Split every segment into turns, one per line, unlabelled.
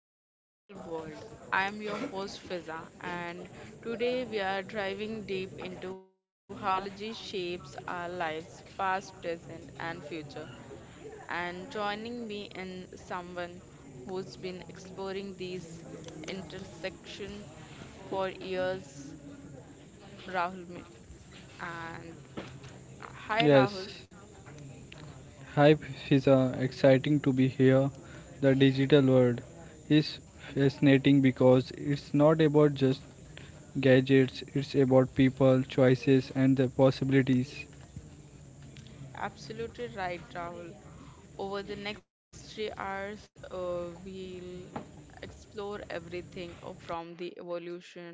to the digital world. I am your host Fiza, and today we are driving deep into how technology shapes our lives, past, present, and future. And joining me in someone who's been exploring these intersection for years, Rahul. And hi, Rahul.
Yes, hype is exciting to be here. The digital world is fascinating because it's not about just gadgets, it's about people, choices, and the possibilities.
Absolutely right, Rahul. Over the next 3 hours, we'll explore everything from the evolution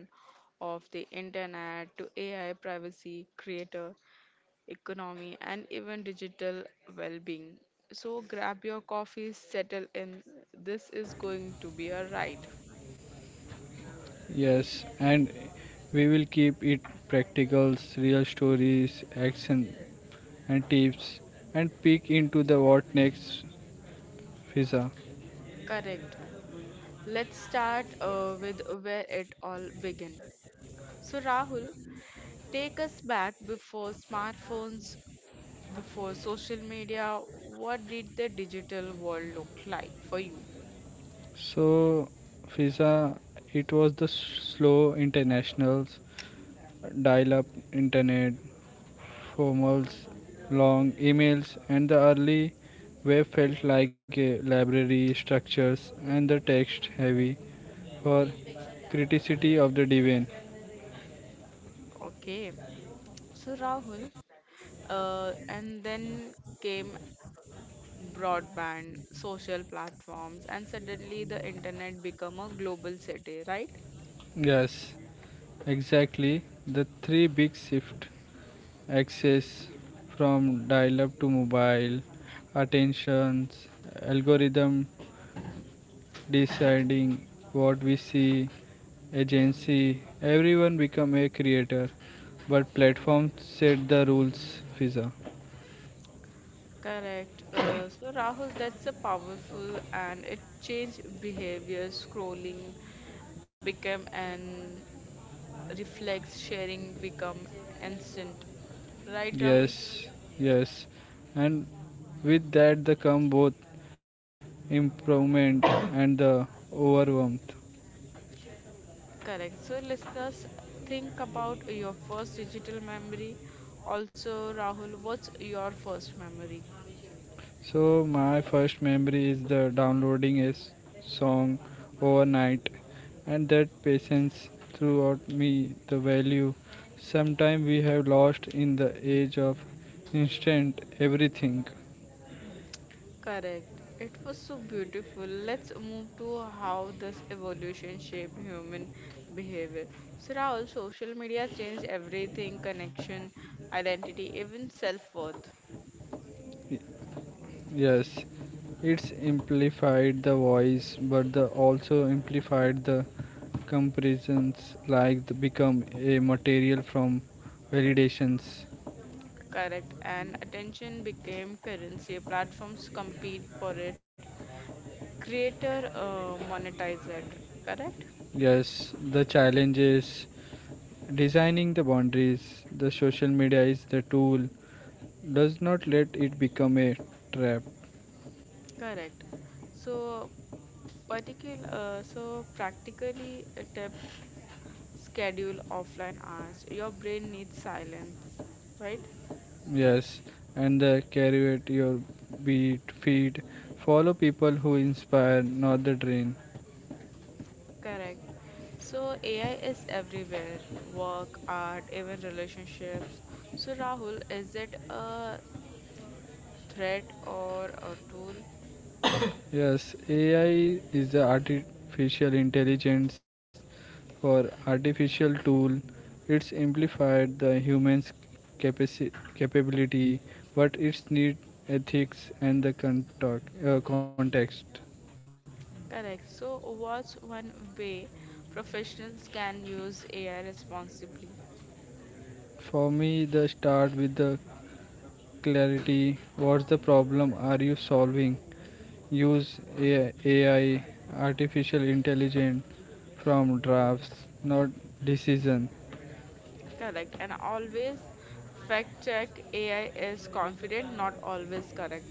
of the internet to AI privacy, creator economy, and even digital well being. So, grab your coffee, settle in. This is going to be a ride.
Yes, and we will keep it practicals, real stories, action, and tips, and peek into the what next, Fiza.
Correct. Let's start with where it all began. So, Rahul, take us back before smartphones before social media, what did the digital world look like for you?
So, Fiza, it was the slow internationals, dial up internet, formals, long emails, and the early web felt like a library structures and the text heavy for criticity of the divine.
Okay, so Rahul, and then came broadband, social platforms, and suddenly the internet become a global city, right?
Yes, exactly. The three big shift access from dial up to mobile, attentions, algorithm deciding what we see, agency, everyone become a creator. But platforms set the rules, Fiza.
Correct. So Rahul, that's a powerful and it changed behavior. Scrolling became an reflex, sharing become instant. Right, Rahul?
Yes, yes. And with that the come both improvement and the overwhelmed.
Correct. So, listeners, think about your first digital memory. Also, Rahul, what's your first memory?
So my first memory is the downloading a song overnight and that patience throughout me the value sometime we have lost in the age of instant everything.
Correct. It was so beautiful. Let's move to how this evolution shaped human behavior. So, Rahul, social media changed everything connection, identity, even self worth.
Y- Yes, it's amplified the voice but the also amplified the comparisons like the become a material from validations.
Correct. And attention became currency. Platforms compete for it, creator monetize it. Correct?
Yes, the challenge is designing the boundaries. The social media is the tool. Does not let it become a trap.
Correct. So, particular, so practically a tip, schedule offline hours. Your brain needs silence, right?
Yes, and the carry at your beat feed. Follow people who inspire, not the drain.
Correct. So AI is everywhere, work, art, even relationships. So Rahul, is it a threat or a tool?
Yes, AI is the artificial intelligence or artificial tool. It's amplified the human's capability, but it's need ethics and the context.
Correct. So what's one way professionals can use AI responsibly?
For me, the start with the clarity. What's the problem are you solving? Use AI artificial intelligence from drafts, not decision.
Correct. And always fact check AI is confident, not always correct.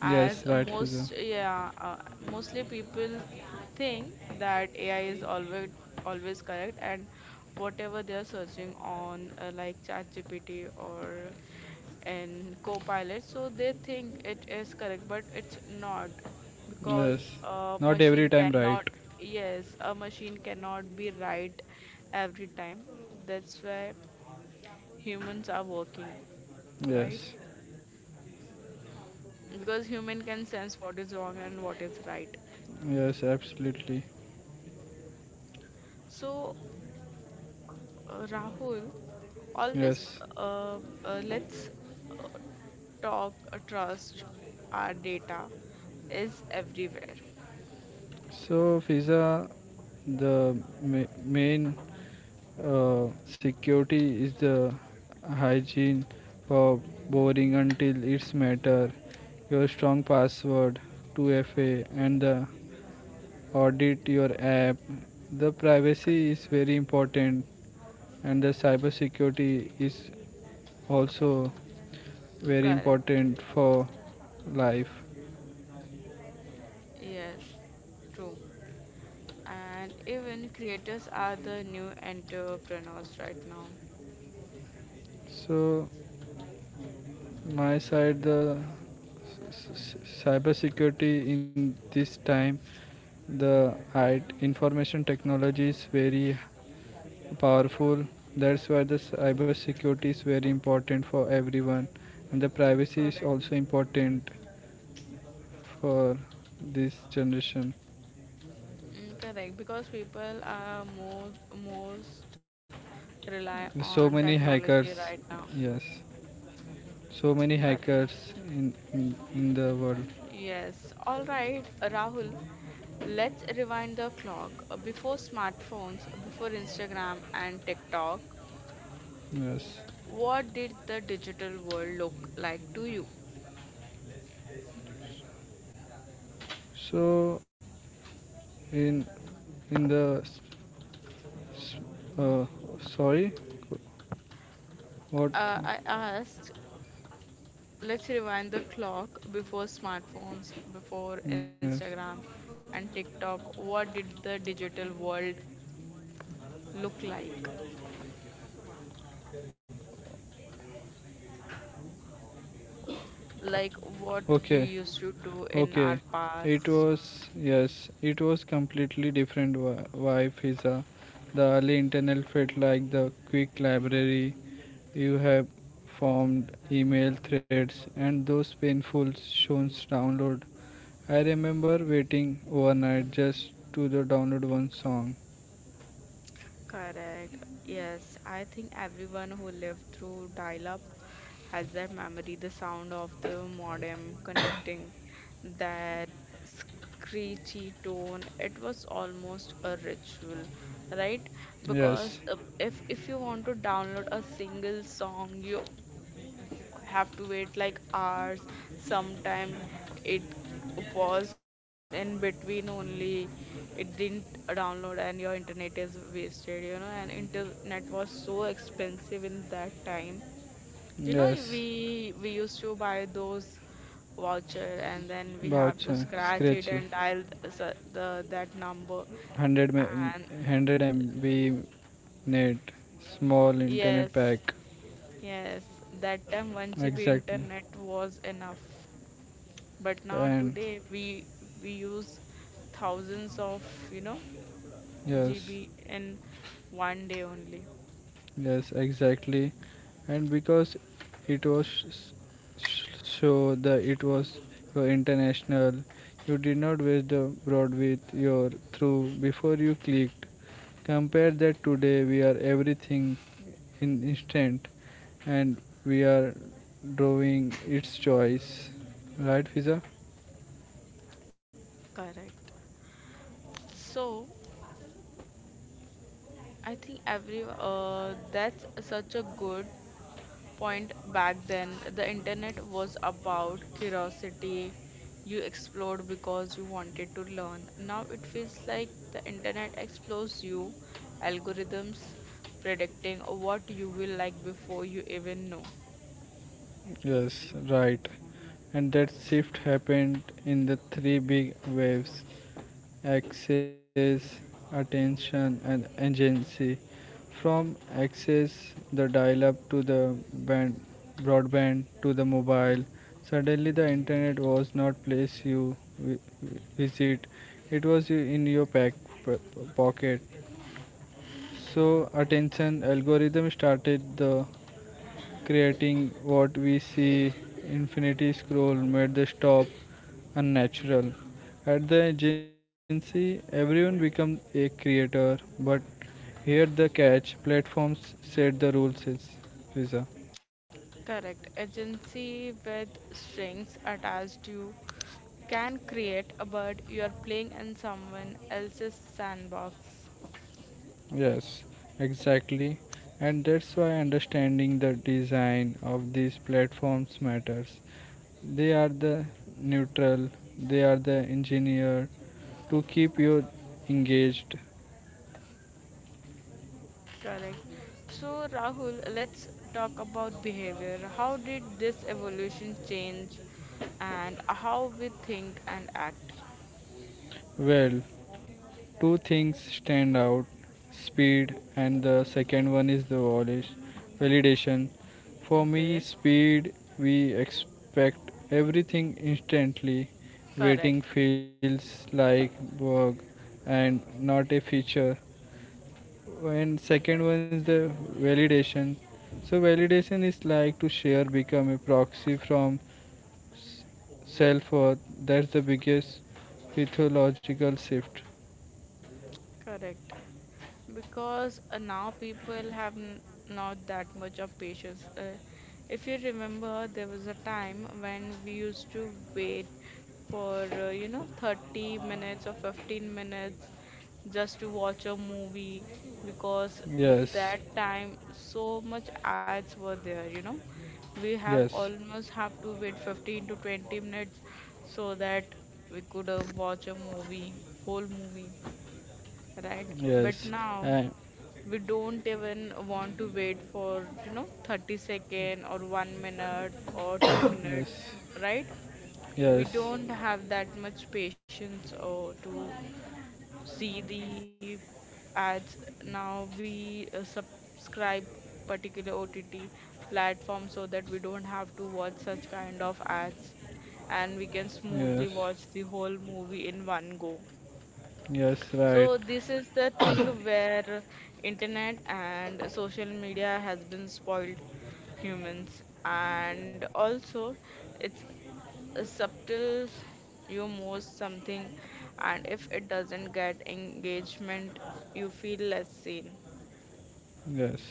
As
Yes, right, Fiza.
most, yeah, mostly people think that AI is always correct, and whatever they are searching on, like ChatGPT or in Copilot, so they think it is correct, but it's not because
Yes.
a
Not every
machine
time right.
cannot. Yes, a machine cannot be right every time. That's why humans are working, right?
Yes.
Because human can sense what is wrong and what is right.
Yes, absolutely.
So, Rahul, always
Yes.
uh, let's uh, talk, trust our data is everywhere.
So, Fiza, the main security is the hygiene for boring until it's matter, your strong password, 2FA, and the audit your app. The
C-
privacy is very important, and the cybersecurity is also very
Correct.
important for life.
Yes, true. And even creators are the new entrepreneurs right now.
So my side, the s- s- cyber security in this time, the IT information technology is very powerful. That's why the cyber security is very important for everyone, and the privacy is
Correct.
also important for this generation.
Mm, correct. Because people are more most rely on
So many
technology right
hackers,
now.
yes, so many
Correct.
hackers in the world,
Yes, all right, Rahul. Let's rewind the clock. Before smartphones, before Instagram and TikTok,
yes.
what did the digital world look like to you?
So in in the uh, sorry, what?
I asked, let's rewind the clock before smartphones, before
Yes.
Instagram and TikTok. What did the digital world look like? Like what we
Okay.
used to do in our
Okay. It
past?
was yes. It was completely different wife Hisa. The early internal felt like the quick library you have formed email threads and those painful shows download. I remember waiting overnight just to the download one song.
Correct. Yes, I think everyone who lived through dial-up has that memory, the sound of the modem connecting, that screechy tone. It was almost a ritual, right? Because
Yes,
if you want to download a single song, you have to wait like hours. Sometime it was in between only. It didn't download and your internet is wasted, you know. And internet was so expensive in that time. You know,
yes,
we used to buy those voucher and then we have to
voucher,
scratch it
scratch,
and dial the that number.
100, me-
And
100 MB net, small internet
yes,
pack,
yes, that time 1 GB
exactly.
internet was enough. But now
And
today we use thousands of, you know,
yes,
GB in one day only.
yes, exactly. And because it was so that it was your international, you did not waste the broad with your through before you clicked. Compare that today, we are everything in instant, and we are drawing its choice. Right, Fiza?
Correct. So I think every that's such a good point back then. The internet was about curiosity. You explored because you wanted to learn. Now it feels like the internet explores you, algorithms predicting what you will like before you even know.
Yes, right. And that shift happened in the three big waves access, attention, and agency. From access, the dial up to broadband to the mobile, suddenly the internet was not place you visit, it was in your p- pocket. So attention algorithm started the creating what we see. Infinity scroll made the stop unnatural at the agency, everyone became a creator, but here the catch, platforms set the rules is visa.
Correct. Agency with strings attached you can create, but you are playing in someone else's sandbox.
Yes, exactly. And that's why understanding the design of these platforms matters. They are the neutral, they are the engineer to keep you engaged.
Correct. So, Rahul, let's talk about behavior. How did this evolution change and how we think and act?
Well, two things stand out, speed, and the second one is the validation. For me,
Okay.
speed, we expect everything instantly. Waiting
Correct.
feels like work and not a feature. And second one is the validation. So, validation is like to share, become a proxy from self worth. That's the biggest mythological shift.
Correct. Because now people have not that much of patience. If you remember, there was a time when we used to wait for, you know, 30 minutes or 15 minutes just to watch a movie because
Yes,
that time so much ads were there, you know. We have
yes,
almost have to wait 15 to 20 minutes so that we could watch a movie, whole movie, right? But
yes,
now,
and
we don't even want to wait for you know 30 second or 1 minute or 2 minute,
yes,
right? We
yes,
don't have that much patience or to see the ads. Now we subscribe particular OTT platform so that we don't have to watch such kind of ads and we can
yes,
smoothly watch the whole movie in one go.
yes, right,
So this is the thing where internet and social media has been spoiled humans and also it's a subtle you most something and if it doesn't get engagement you feel less seen.
yes.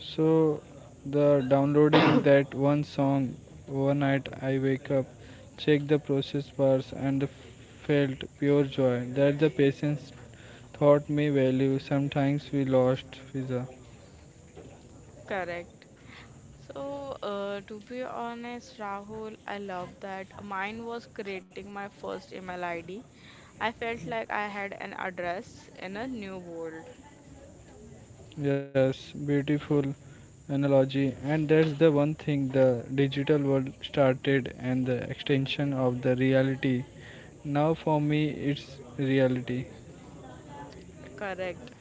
So, the downloading that one song overnight, I wake up, check the process bars, and the felt pure joy that the patience taught me value. Sometimes we lost visa.
Correct. So, to be honest, Rahul, I love that. Mine was creating my first email ID. I felt like I had an address in a new world.
Yes, beautiful analogy. And that's the one thing the digital world started and the extension of the reality. Now for me it's reality.
Correct.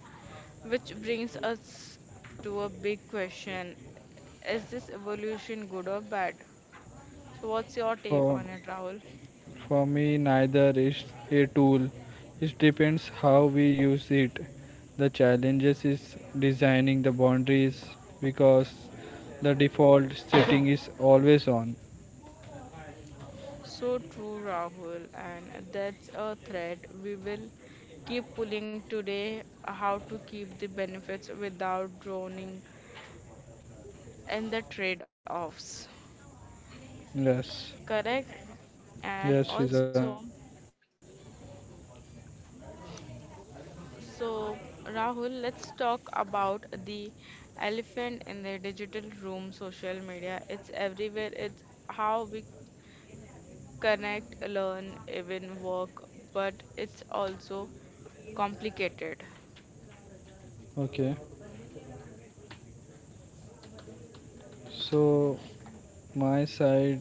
Which brings us to a big question. Is this evolution good or bad? So, what's your take
For
on it, Rahul?
for me neither is a tool. It depends how we use it. The challenges is designing the boundaries because the default setting is always on.
So true, Rahul, and that's a thread we will keep pulling today how to keep the benefits without drowning in the trade offs.
Yes.
Correct? And
Yes, Fiza.
also, so, Rahul, let's talk about the elephant in the digital room, social media. It's everywhere. It's how we connect, learn, even work, but it's also complicated.
Okay. So, my side,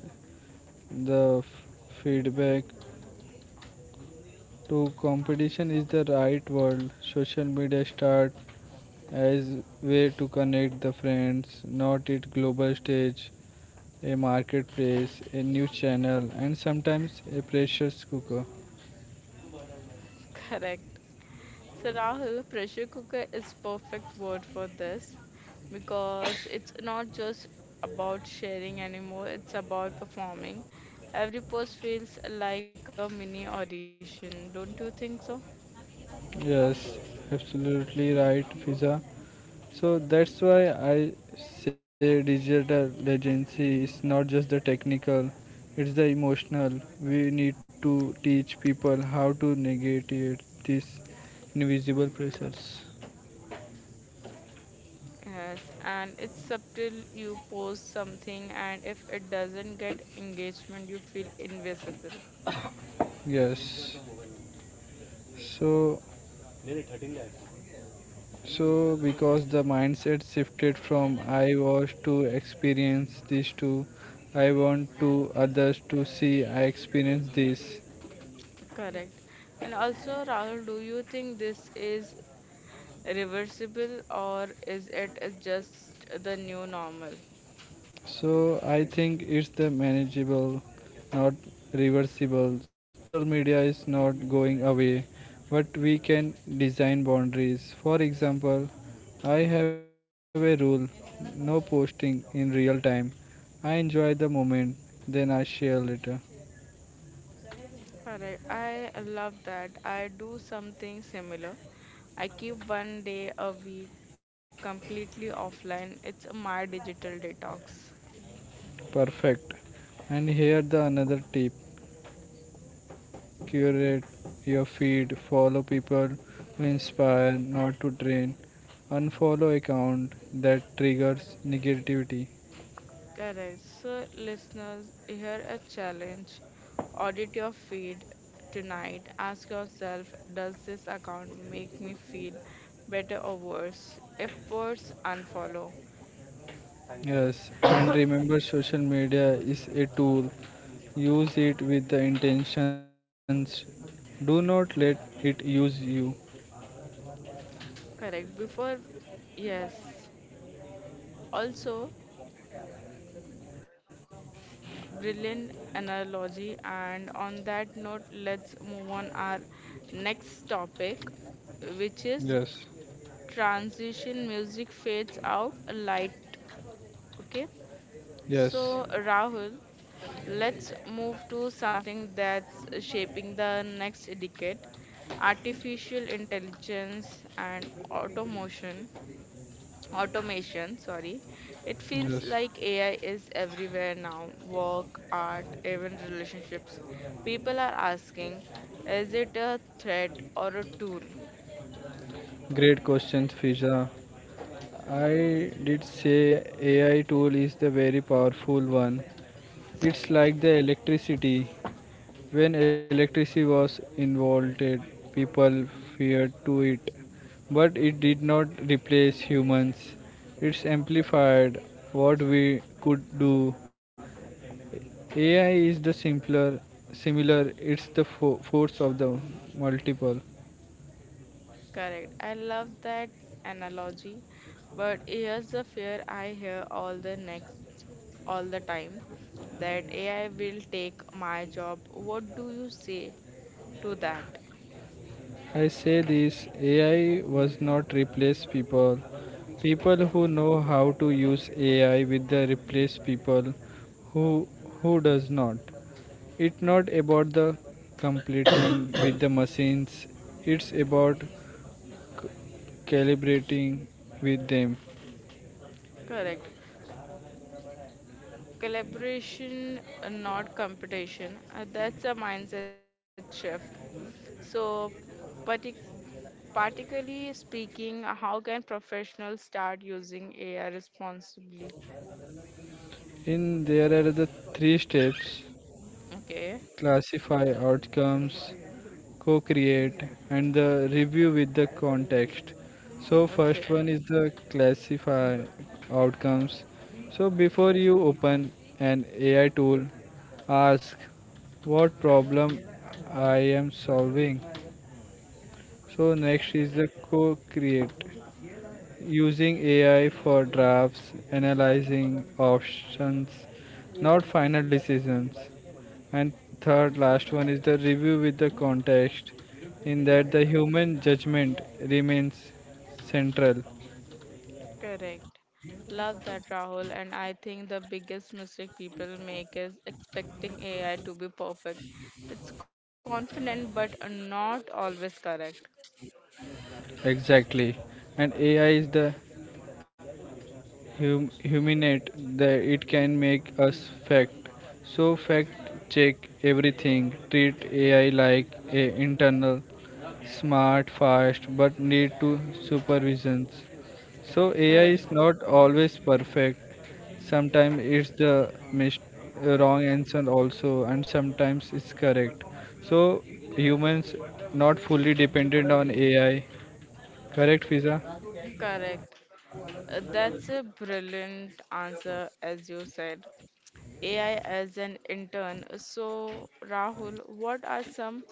the feedback to competition is the right word. Social media start as way to connect the friends, not it global stage, a marketplace, a news channel, and sometimes a pressure cooker.
Correct. So, Rahul, pressure cooker is perfect word for this because it's not just about sharing anymore, it's about performing. Every post feels like a mini audition, don't you think so?
Yes, absolutely right, Fiza. So that's why I say digital literacy is not just the technical, it's the emotional. We need to teach people how to negotiate these invisible pressures.
Yes, and it's subtle. You post something, and if it doesn't get engagement, you feel invisible.
Yes. So so because the mindset shifted from I was to experience this to I want to others to see I experience this.
Correct. And also, Rahul, do you think this is reversible or is it just the new normal?
So I think it's the manageable, not reversible. Social media is not going away, but we can design boundaries. For example, I have a rule, no posting in real time. I enjoy the moment, then I share later.
Correct. I love that. I do something similar. I keep one day a week completely offline. It's my digital detox.
Perfect. And here the another tip: curate your feed, follow people who inspire, not to drain, unfollow account that triggers negativity.
Correct. So, listeners, here a challenge. Audit your feed tonight. Ask yourself, does this account make me feel better or worse? If worse, unfollow.
Yes, and remember social media is a tool. Use it with the intentions. Do not let it use you.
Correct. Before, yes. Also, brilliant analogy. And on that note, let's move on our next topic, which is
Yes,
transition music fades out, light. Okay.
yes,
So, Rahul. Let's move to something that's shaping the next decade artificial intelligence and automation sorry, it feels
yes.
like AI is everywhere now, work, art, even relationships. People are asking, is it a threat or a tool?
Great questions, Fiza. I did say AI tool is the very powerful one. It's like the electricity. When electricity was involved, people feared to it, but it did not replace humans. It's amplified what we could do. AI is the simpler, similar. It's the force of the multiple.
Correct. I love that analogy, but here's the fear I hear all the time that AI will take my job. What do you say to that?
I say this AI was not replace people. People who know how to use AI with the replace people who who does not. It's not about the completing with the machines. It's about calibrating with them.
Correct. Collaboration, not competition. That's a mindset shift. So, partic particularly speaking, how can professionals start using AI responsibly?
In there are the three steps,
Okay.
classify outcomes, co create, and the review with the context. So,
Okay.
first one is the classify outcomes. So, before you open an AI tool, ask what problem I am solving. So, next is the
Okay.
co create. Using AI for drafts, analyzing options, not final decisions. And third, last one is the review with the context, in that the human judgment remains central.
Correct. Love that, Rahul. And I think the biggest mistake people make is expecting AI to be perfect. It's confident, but not always correct.
Exactly. And AI is the huminate that it can make us fact. So fact check everything. Treat AI like a internal, smart, fast, but need to supervisions. So AI is
Correct.
not always perfect. Sometimes it's the wrong answer also, and sometimes it's correct. So humans not fully dependent on AI. Correct, Fiza?
Correct. That's a brilliant answer, as you said. AI as an intern. So, Rahul, what are some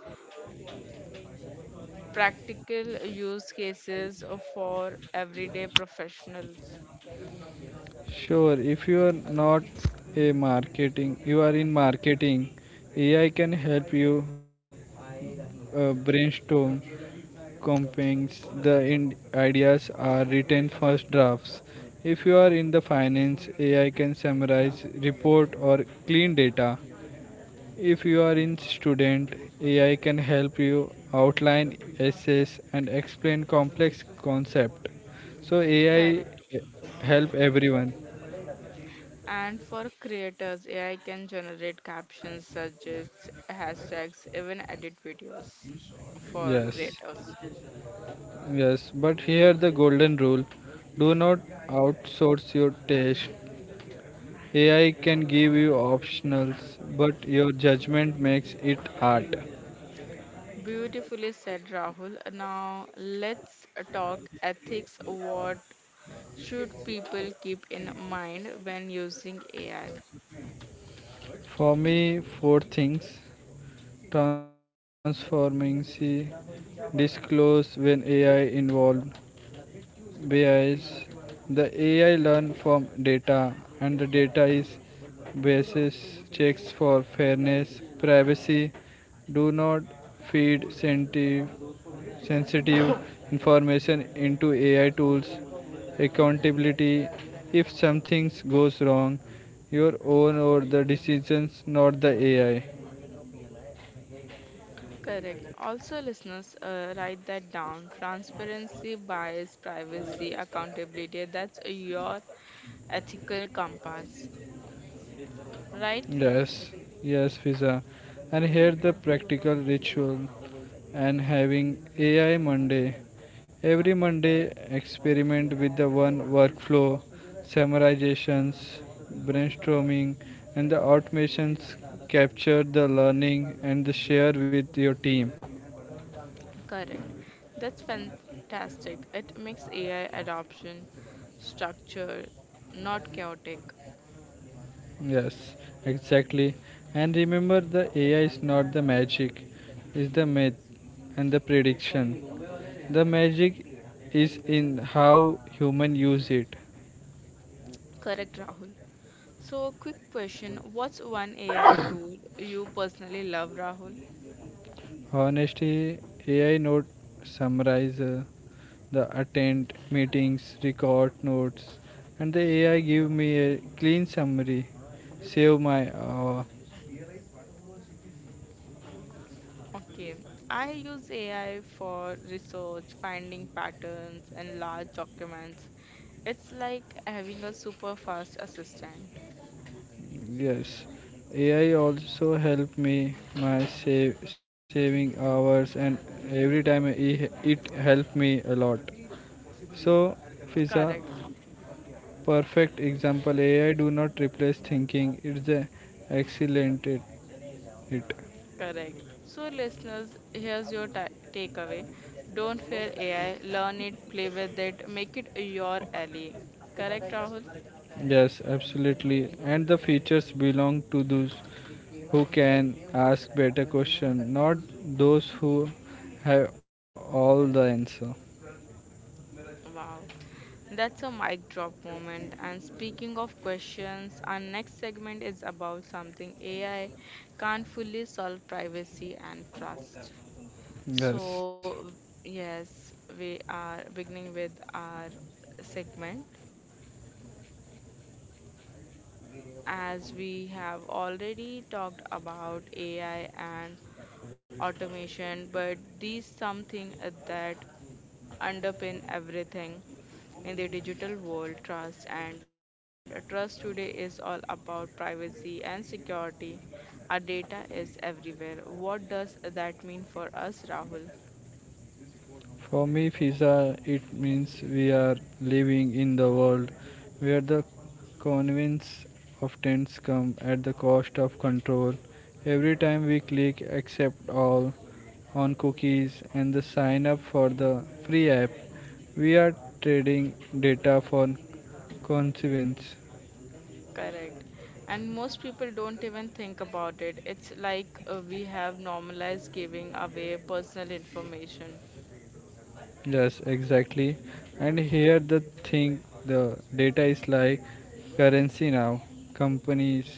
practical use cases for everyday professionals?
Sure, if you are not a marketing, you are in marketing, AI can help you brainstorm campaigns. The ideas are written first drafts. If you are in the finance, AI can summarize report or clean data. If you are in student, AI can help you outline essays and explain complex concept. So AI
Correct.
help everyone.
And for creators, AI can generate captions, suggest hashtags, even edit videos for
Yes.
creators.
Yes, but here the golden rule, do not outsource your taste. AI can give you optionals, but your judgment makes it art.
Beautifully said, Rahul. Now let's talk ethics. What should people keep in mind when using AI?
For me, four things transforming, see, disclose when AI involved, bias. The AI learn from data, and the data is basis checks for fairness, privacy. Do not feed sensitive information into AI tools, accountability. If something goes wrong, your own or the decisions, not the AI.
Correct. Also, listeners, write that down. Transparency, bias, privacy, accountability. That's your ethical compass, right?
Yes, yes, Fiza. And here the practical ritual and having AI Monday. Every Monday, experiment with the one workflow, summarizations, brainstorming, and the automations. Capture the learning and the share with your team.
Correct. That's fantastic. It makes AI adoption structure not chaotic.
Yes, exactly. And remember, the AI is not the magic, it's the myth and the prediction. The magic is in how human use it.
Correct, Rahul. So, quick question. What's one AI tool you personally love, Rahul?
Honestly, AI note summarize the attend meetings, record notes, and the AI give me a clean summary, save my
Okay, I use AI for research, finding patterns, and large documents. It's like having a super fast assistant.
yes, AI also help me my save, saving hours and every time it help me a lot. So, Fiza,
Correct.
perfect example. AI do not replace thinking. It's a excellent it.
Correct. So, listeners, here's your ta takeaway. Don't fear AI, learn it, play with it, make it your ally. Correct, Rahul?
Yes, absolutely. And the features belong to those who can ask better question, not those who have all the answer.
Wow, that's a mic drop moment. And speaking of questions, our next segment is about something AI can't fully solve privacy and trust.
Yes.
So, yes, we are beginning with our segment. As we have already talked about AI and automation, but these something that underpin everything in the digital world, trust and trust today is all about privacy and security. Our data is everywhere. What does that mean for us, Rahul?
For me, pizza, it means we are living in the world where the convenience of trends come at the cost of control. Every time we click accept all on cookies and the sign up for the free app, we are trading data for consequence.
Correct. And most people don't even think about it. It's like we have normalized giving away personal information.
Yes, exactly. And here the thing, the data is like currency now. Companies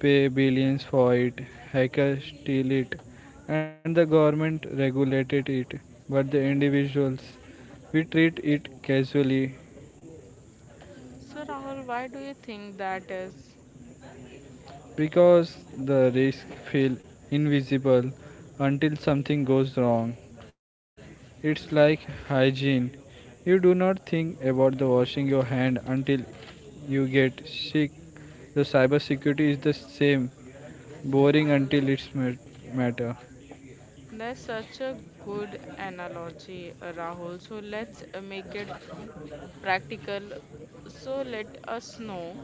pay billions for it, hackers steal it, and the government regulated it. But the individuals, we treat it casually,
So, Rahul, why do you think that is?
because the risks feel invisible until something goes wrong. It's like hygiene. You do not think about the washing your hand until you get sick. The cybersecurity is the same, boring until it's matter.
That's such a good analogy, Rahul. So, let's make it practical. So, let us know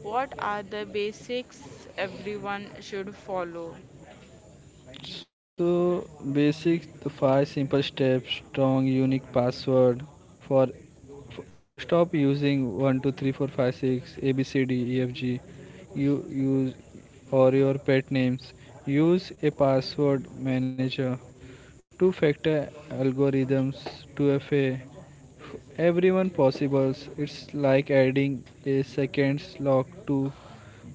what are the basics everyone should follow.
So basic the five simple steps, strong unique password for stop using 123456 ABCDEFG you use or your pet names. Use a password manager, two factor algorithms, 2FA, everyone possibles. It's like adding a second lock to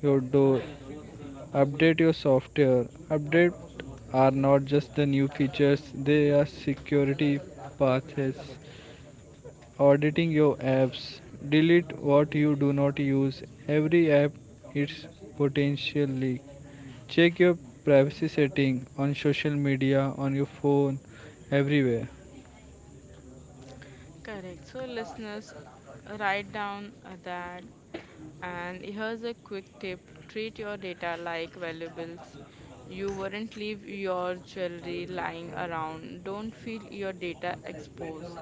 your door. Update your software. Updates are not just the new features, they are security paths. Auditing your apps. Delete what you do not use. Every app is potential leak. Check your privacy setting on social media, on your phone, everywhere.
Correct. So, listeners, write down that. And here's a quick tip treat your data like valuables. You wouldn't leave your jewelry lying around. Don't feel your data exposed.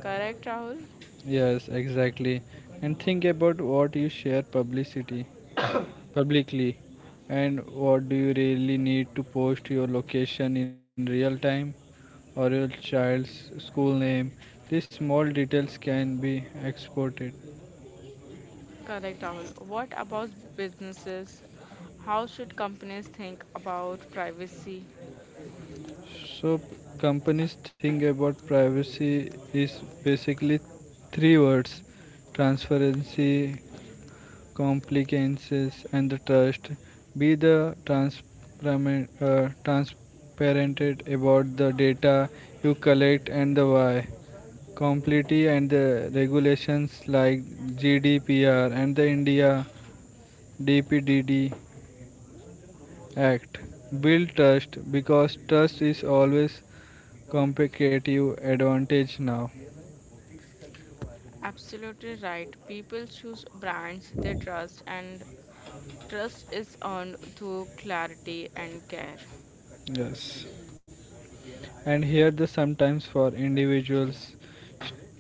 Correct, Rahul?
Yes, exactly. And think about what you share publicity publicly and what do you really need to post your location in real time or your child's school name. These small details can be exported.
Correct, Rahul. What about businesses? How should companies think about privacy?
So companies think about privacy is basically three words: transparency, compliances, and the trust. Be the transparent about the data you collect and the why. Complete and the regulations like GDPR and the India DPDD Act. Build trust because trust is always competitive advantage now.
Absolutely right. People choose brands they trust, and trust is earned through clarity and care.
Yes. And here the sometimes for individuals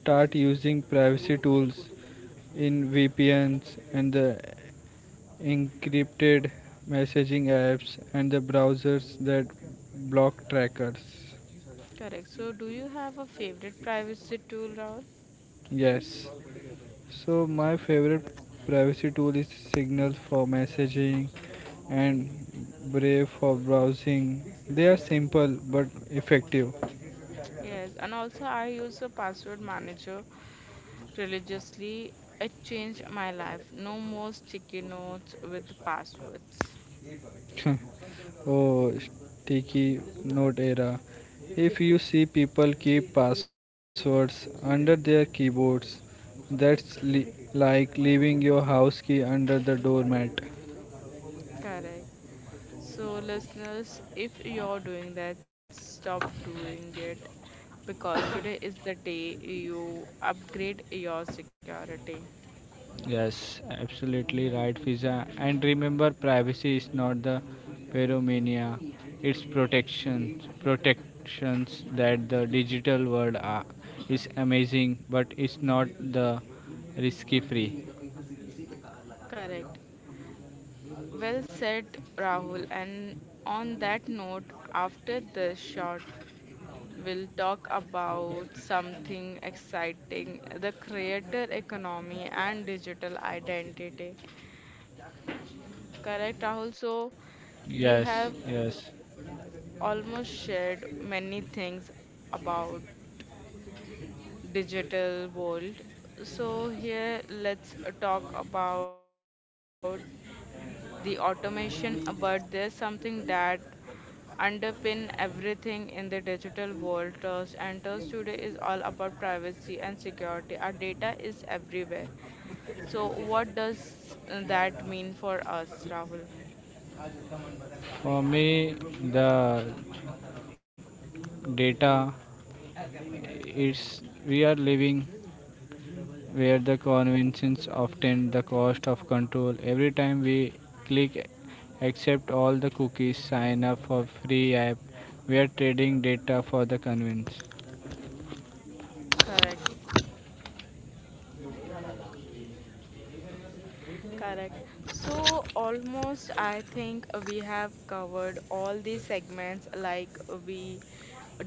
start using privacy tools in VPNs and the encrypted messaging apps and the browsers that block trackers.
Correct. So, do you have a favorite privacy tool, Rahul?
Yes. So my favorite privacy tool is Signal for messaging and Brave for browsing. They are simple but effective.
Yes, and also I use a password manager religiously. It changed my life. No more sticky notes with passwords.
Oh, sticky note era. If you see people keep passwords under their keyboards, that's like leaving your house key under the doormat.
Correct. So, listeners, if you're doing that, stop doing it because today is the day you upgrade your security.
Yes, absolutely right, Fiza. And remember, privacy is not the pyromania; it's protections, protections that the digital world are, is amazing, but it's not the risky free.
Correct. Well said, Rahul. And on that note, after this short we'll talk about something exciting the creator economy and digital identity. Correct, Rahul? So, you
Yes,
have
yes.
almost shared many things about digital world. So, here let's talk about the automation, but there's something that underpin everything in the digital world, trust, and trust today is all about privacy and security. Our data is everywhere. So what does that mean for us, Rahul?
For me, the data it's we are living where the conventions often the cost of control. Every time we click accept all the cookies, sign up for free app, we are trading data for the convenience.
Correct, correct. So almost I think we have covered all the segments like we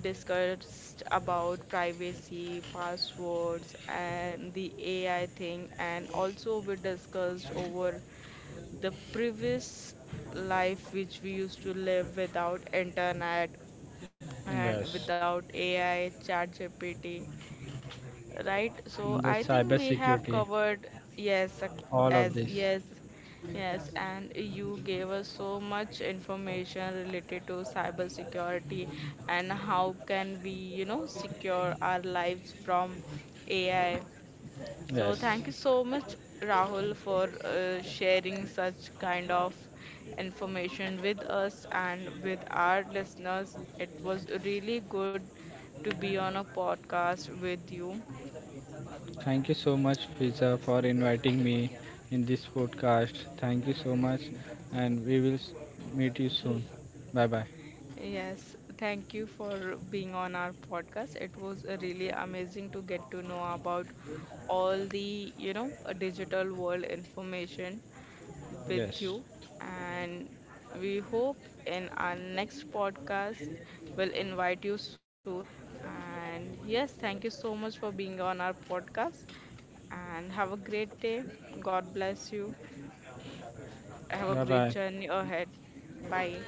discussed about privacy, passwords and the AI thing and also we discussed over the previous life which we used to live without internet and
Yes.
without AI, chat GPT, right? So
And the
I think
cyber
we have
security,
covered yes,
all of
as
this.
yes, yes, and you gave us so much information related to cybersecurity and how can we, you know, secure our lives from AI. So
Yes.
thank you so much, Rahul, for sharing such kind of information with us and with our listeners. It was really good to be on a podcast with you.
Thank you so much, Fiza, for inviting me in this podcast. Thank you so much, and we will meet you soon. Bye bye.
Yes, thank you for being on our podcast. It was really amazing to get to know about all the, you know, digital world information with
Yes.
you. And we hope in our next podcast we'll invite you soon. And yes, thank you so much for being on our podcast. And have a great day. God bless you. Have a
Bye
great
bye.
journey ahead. Bye.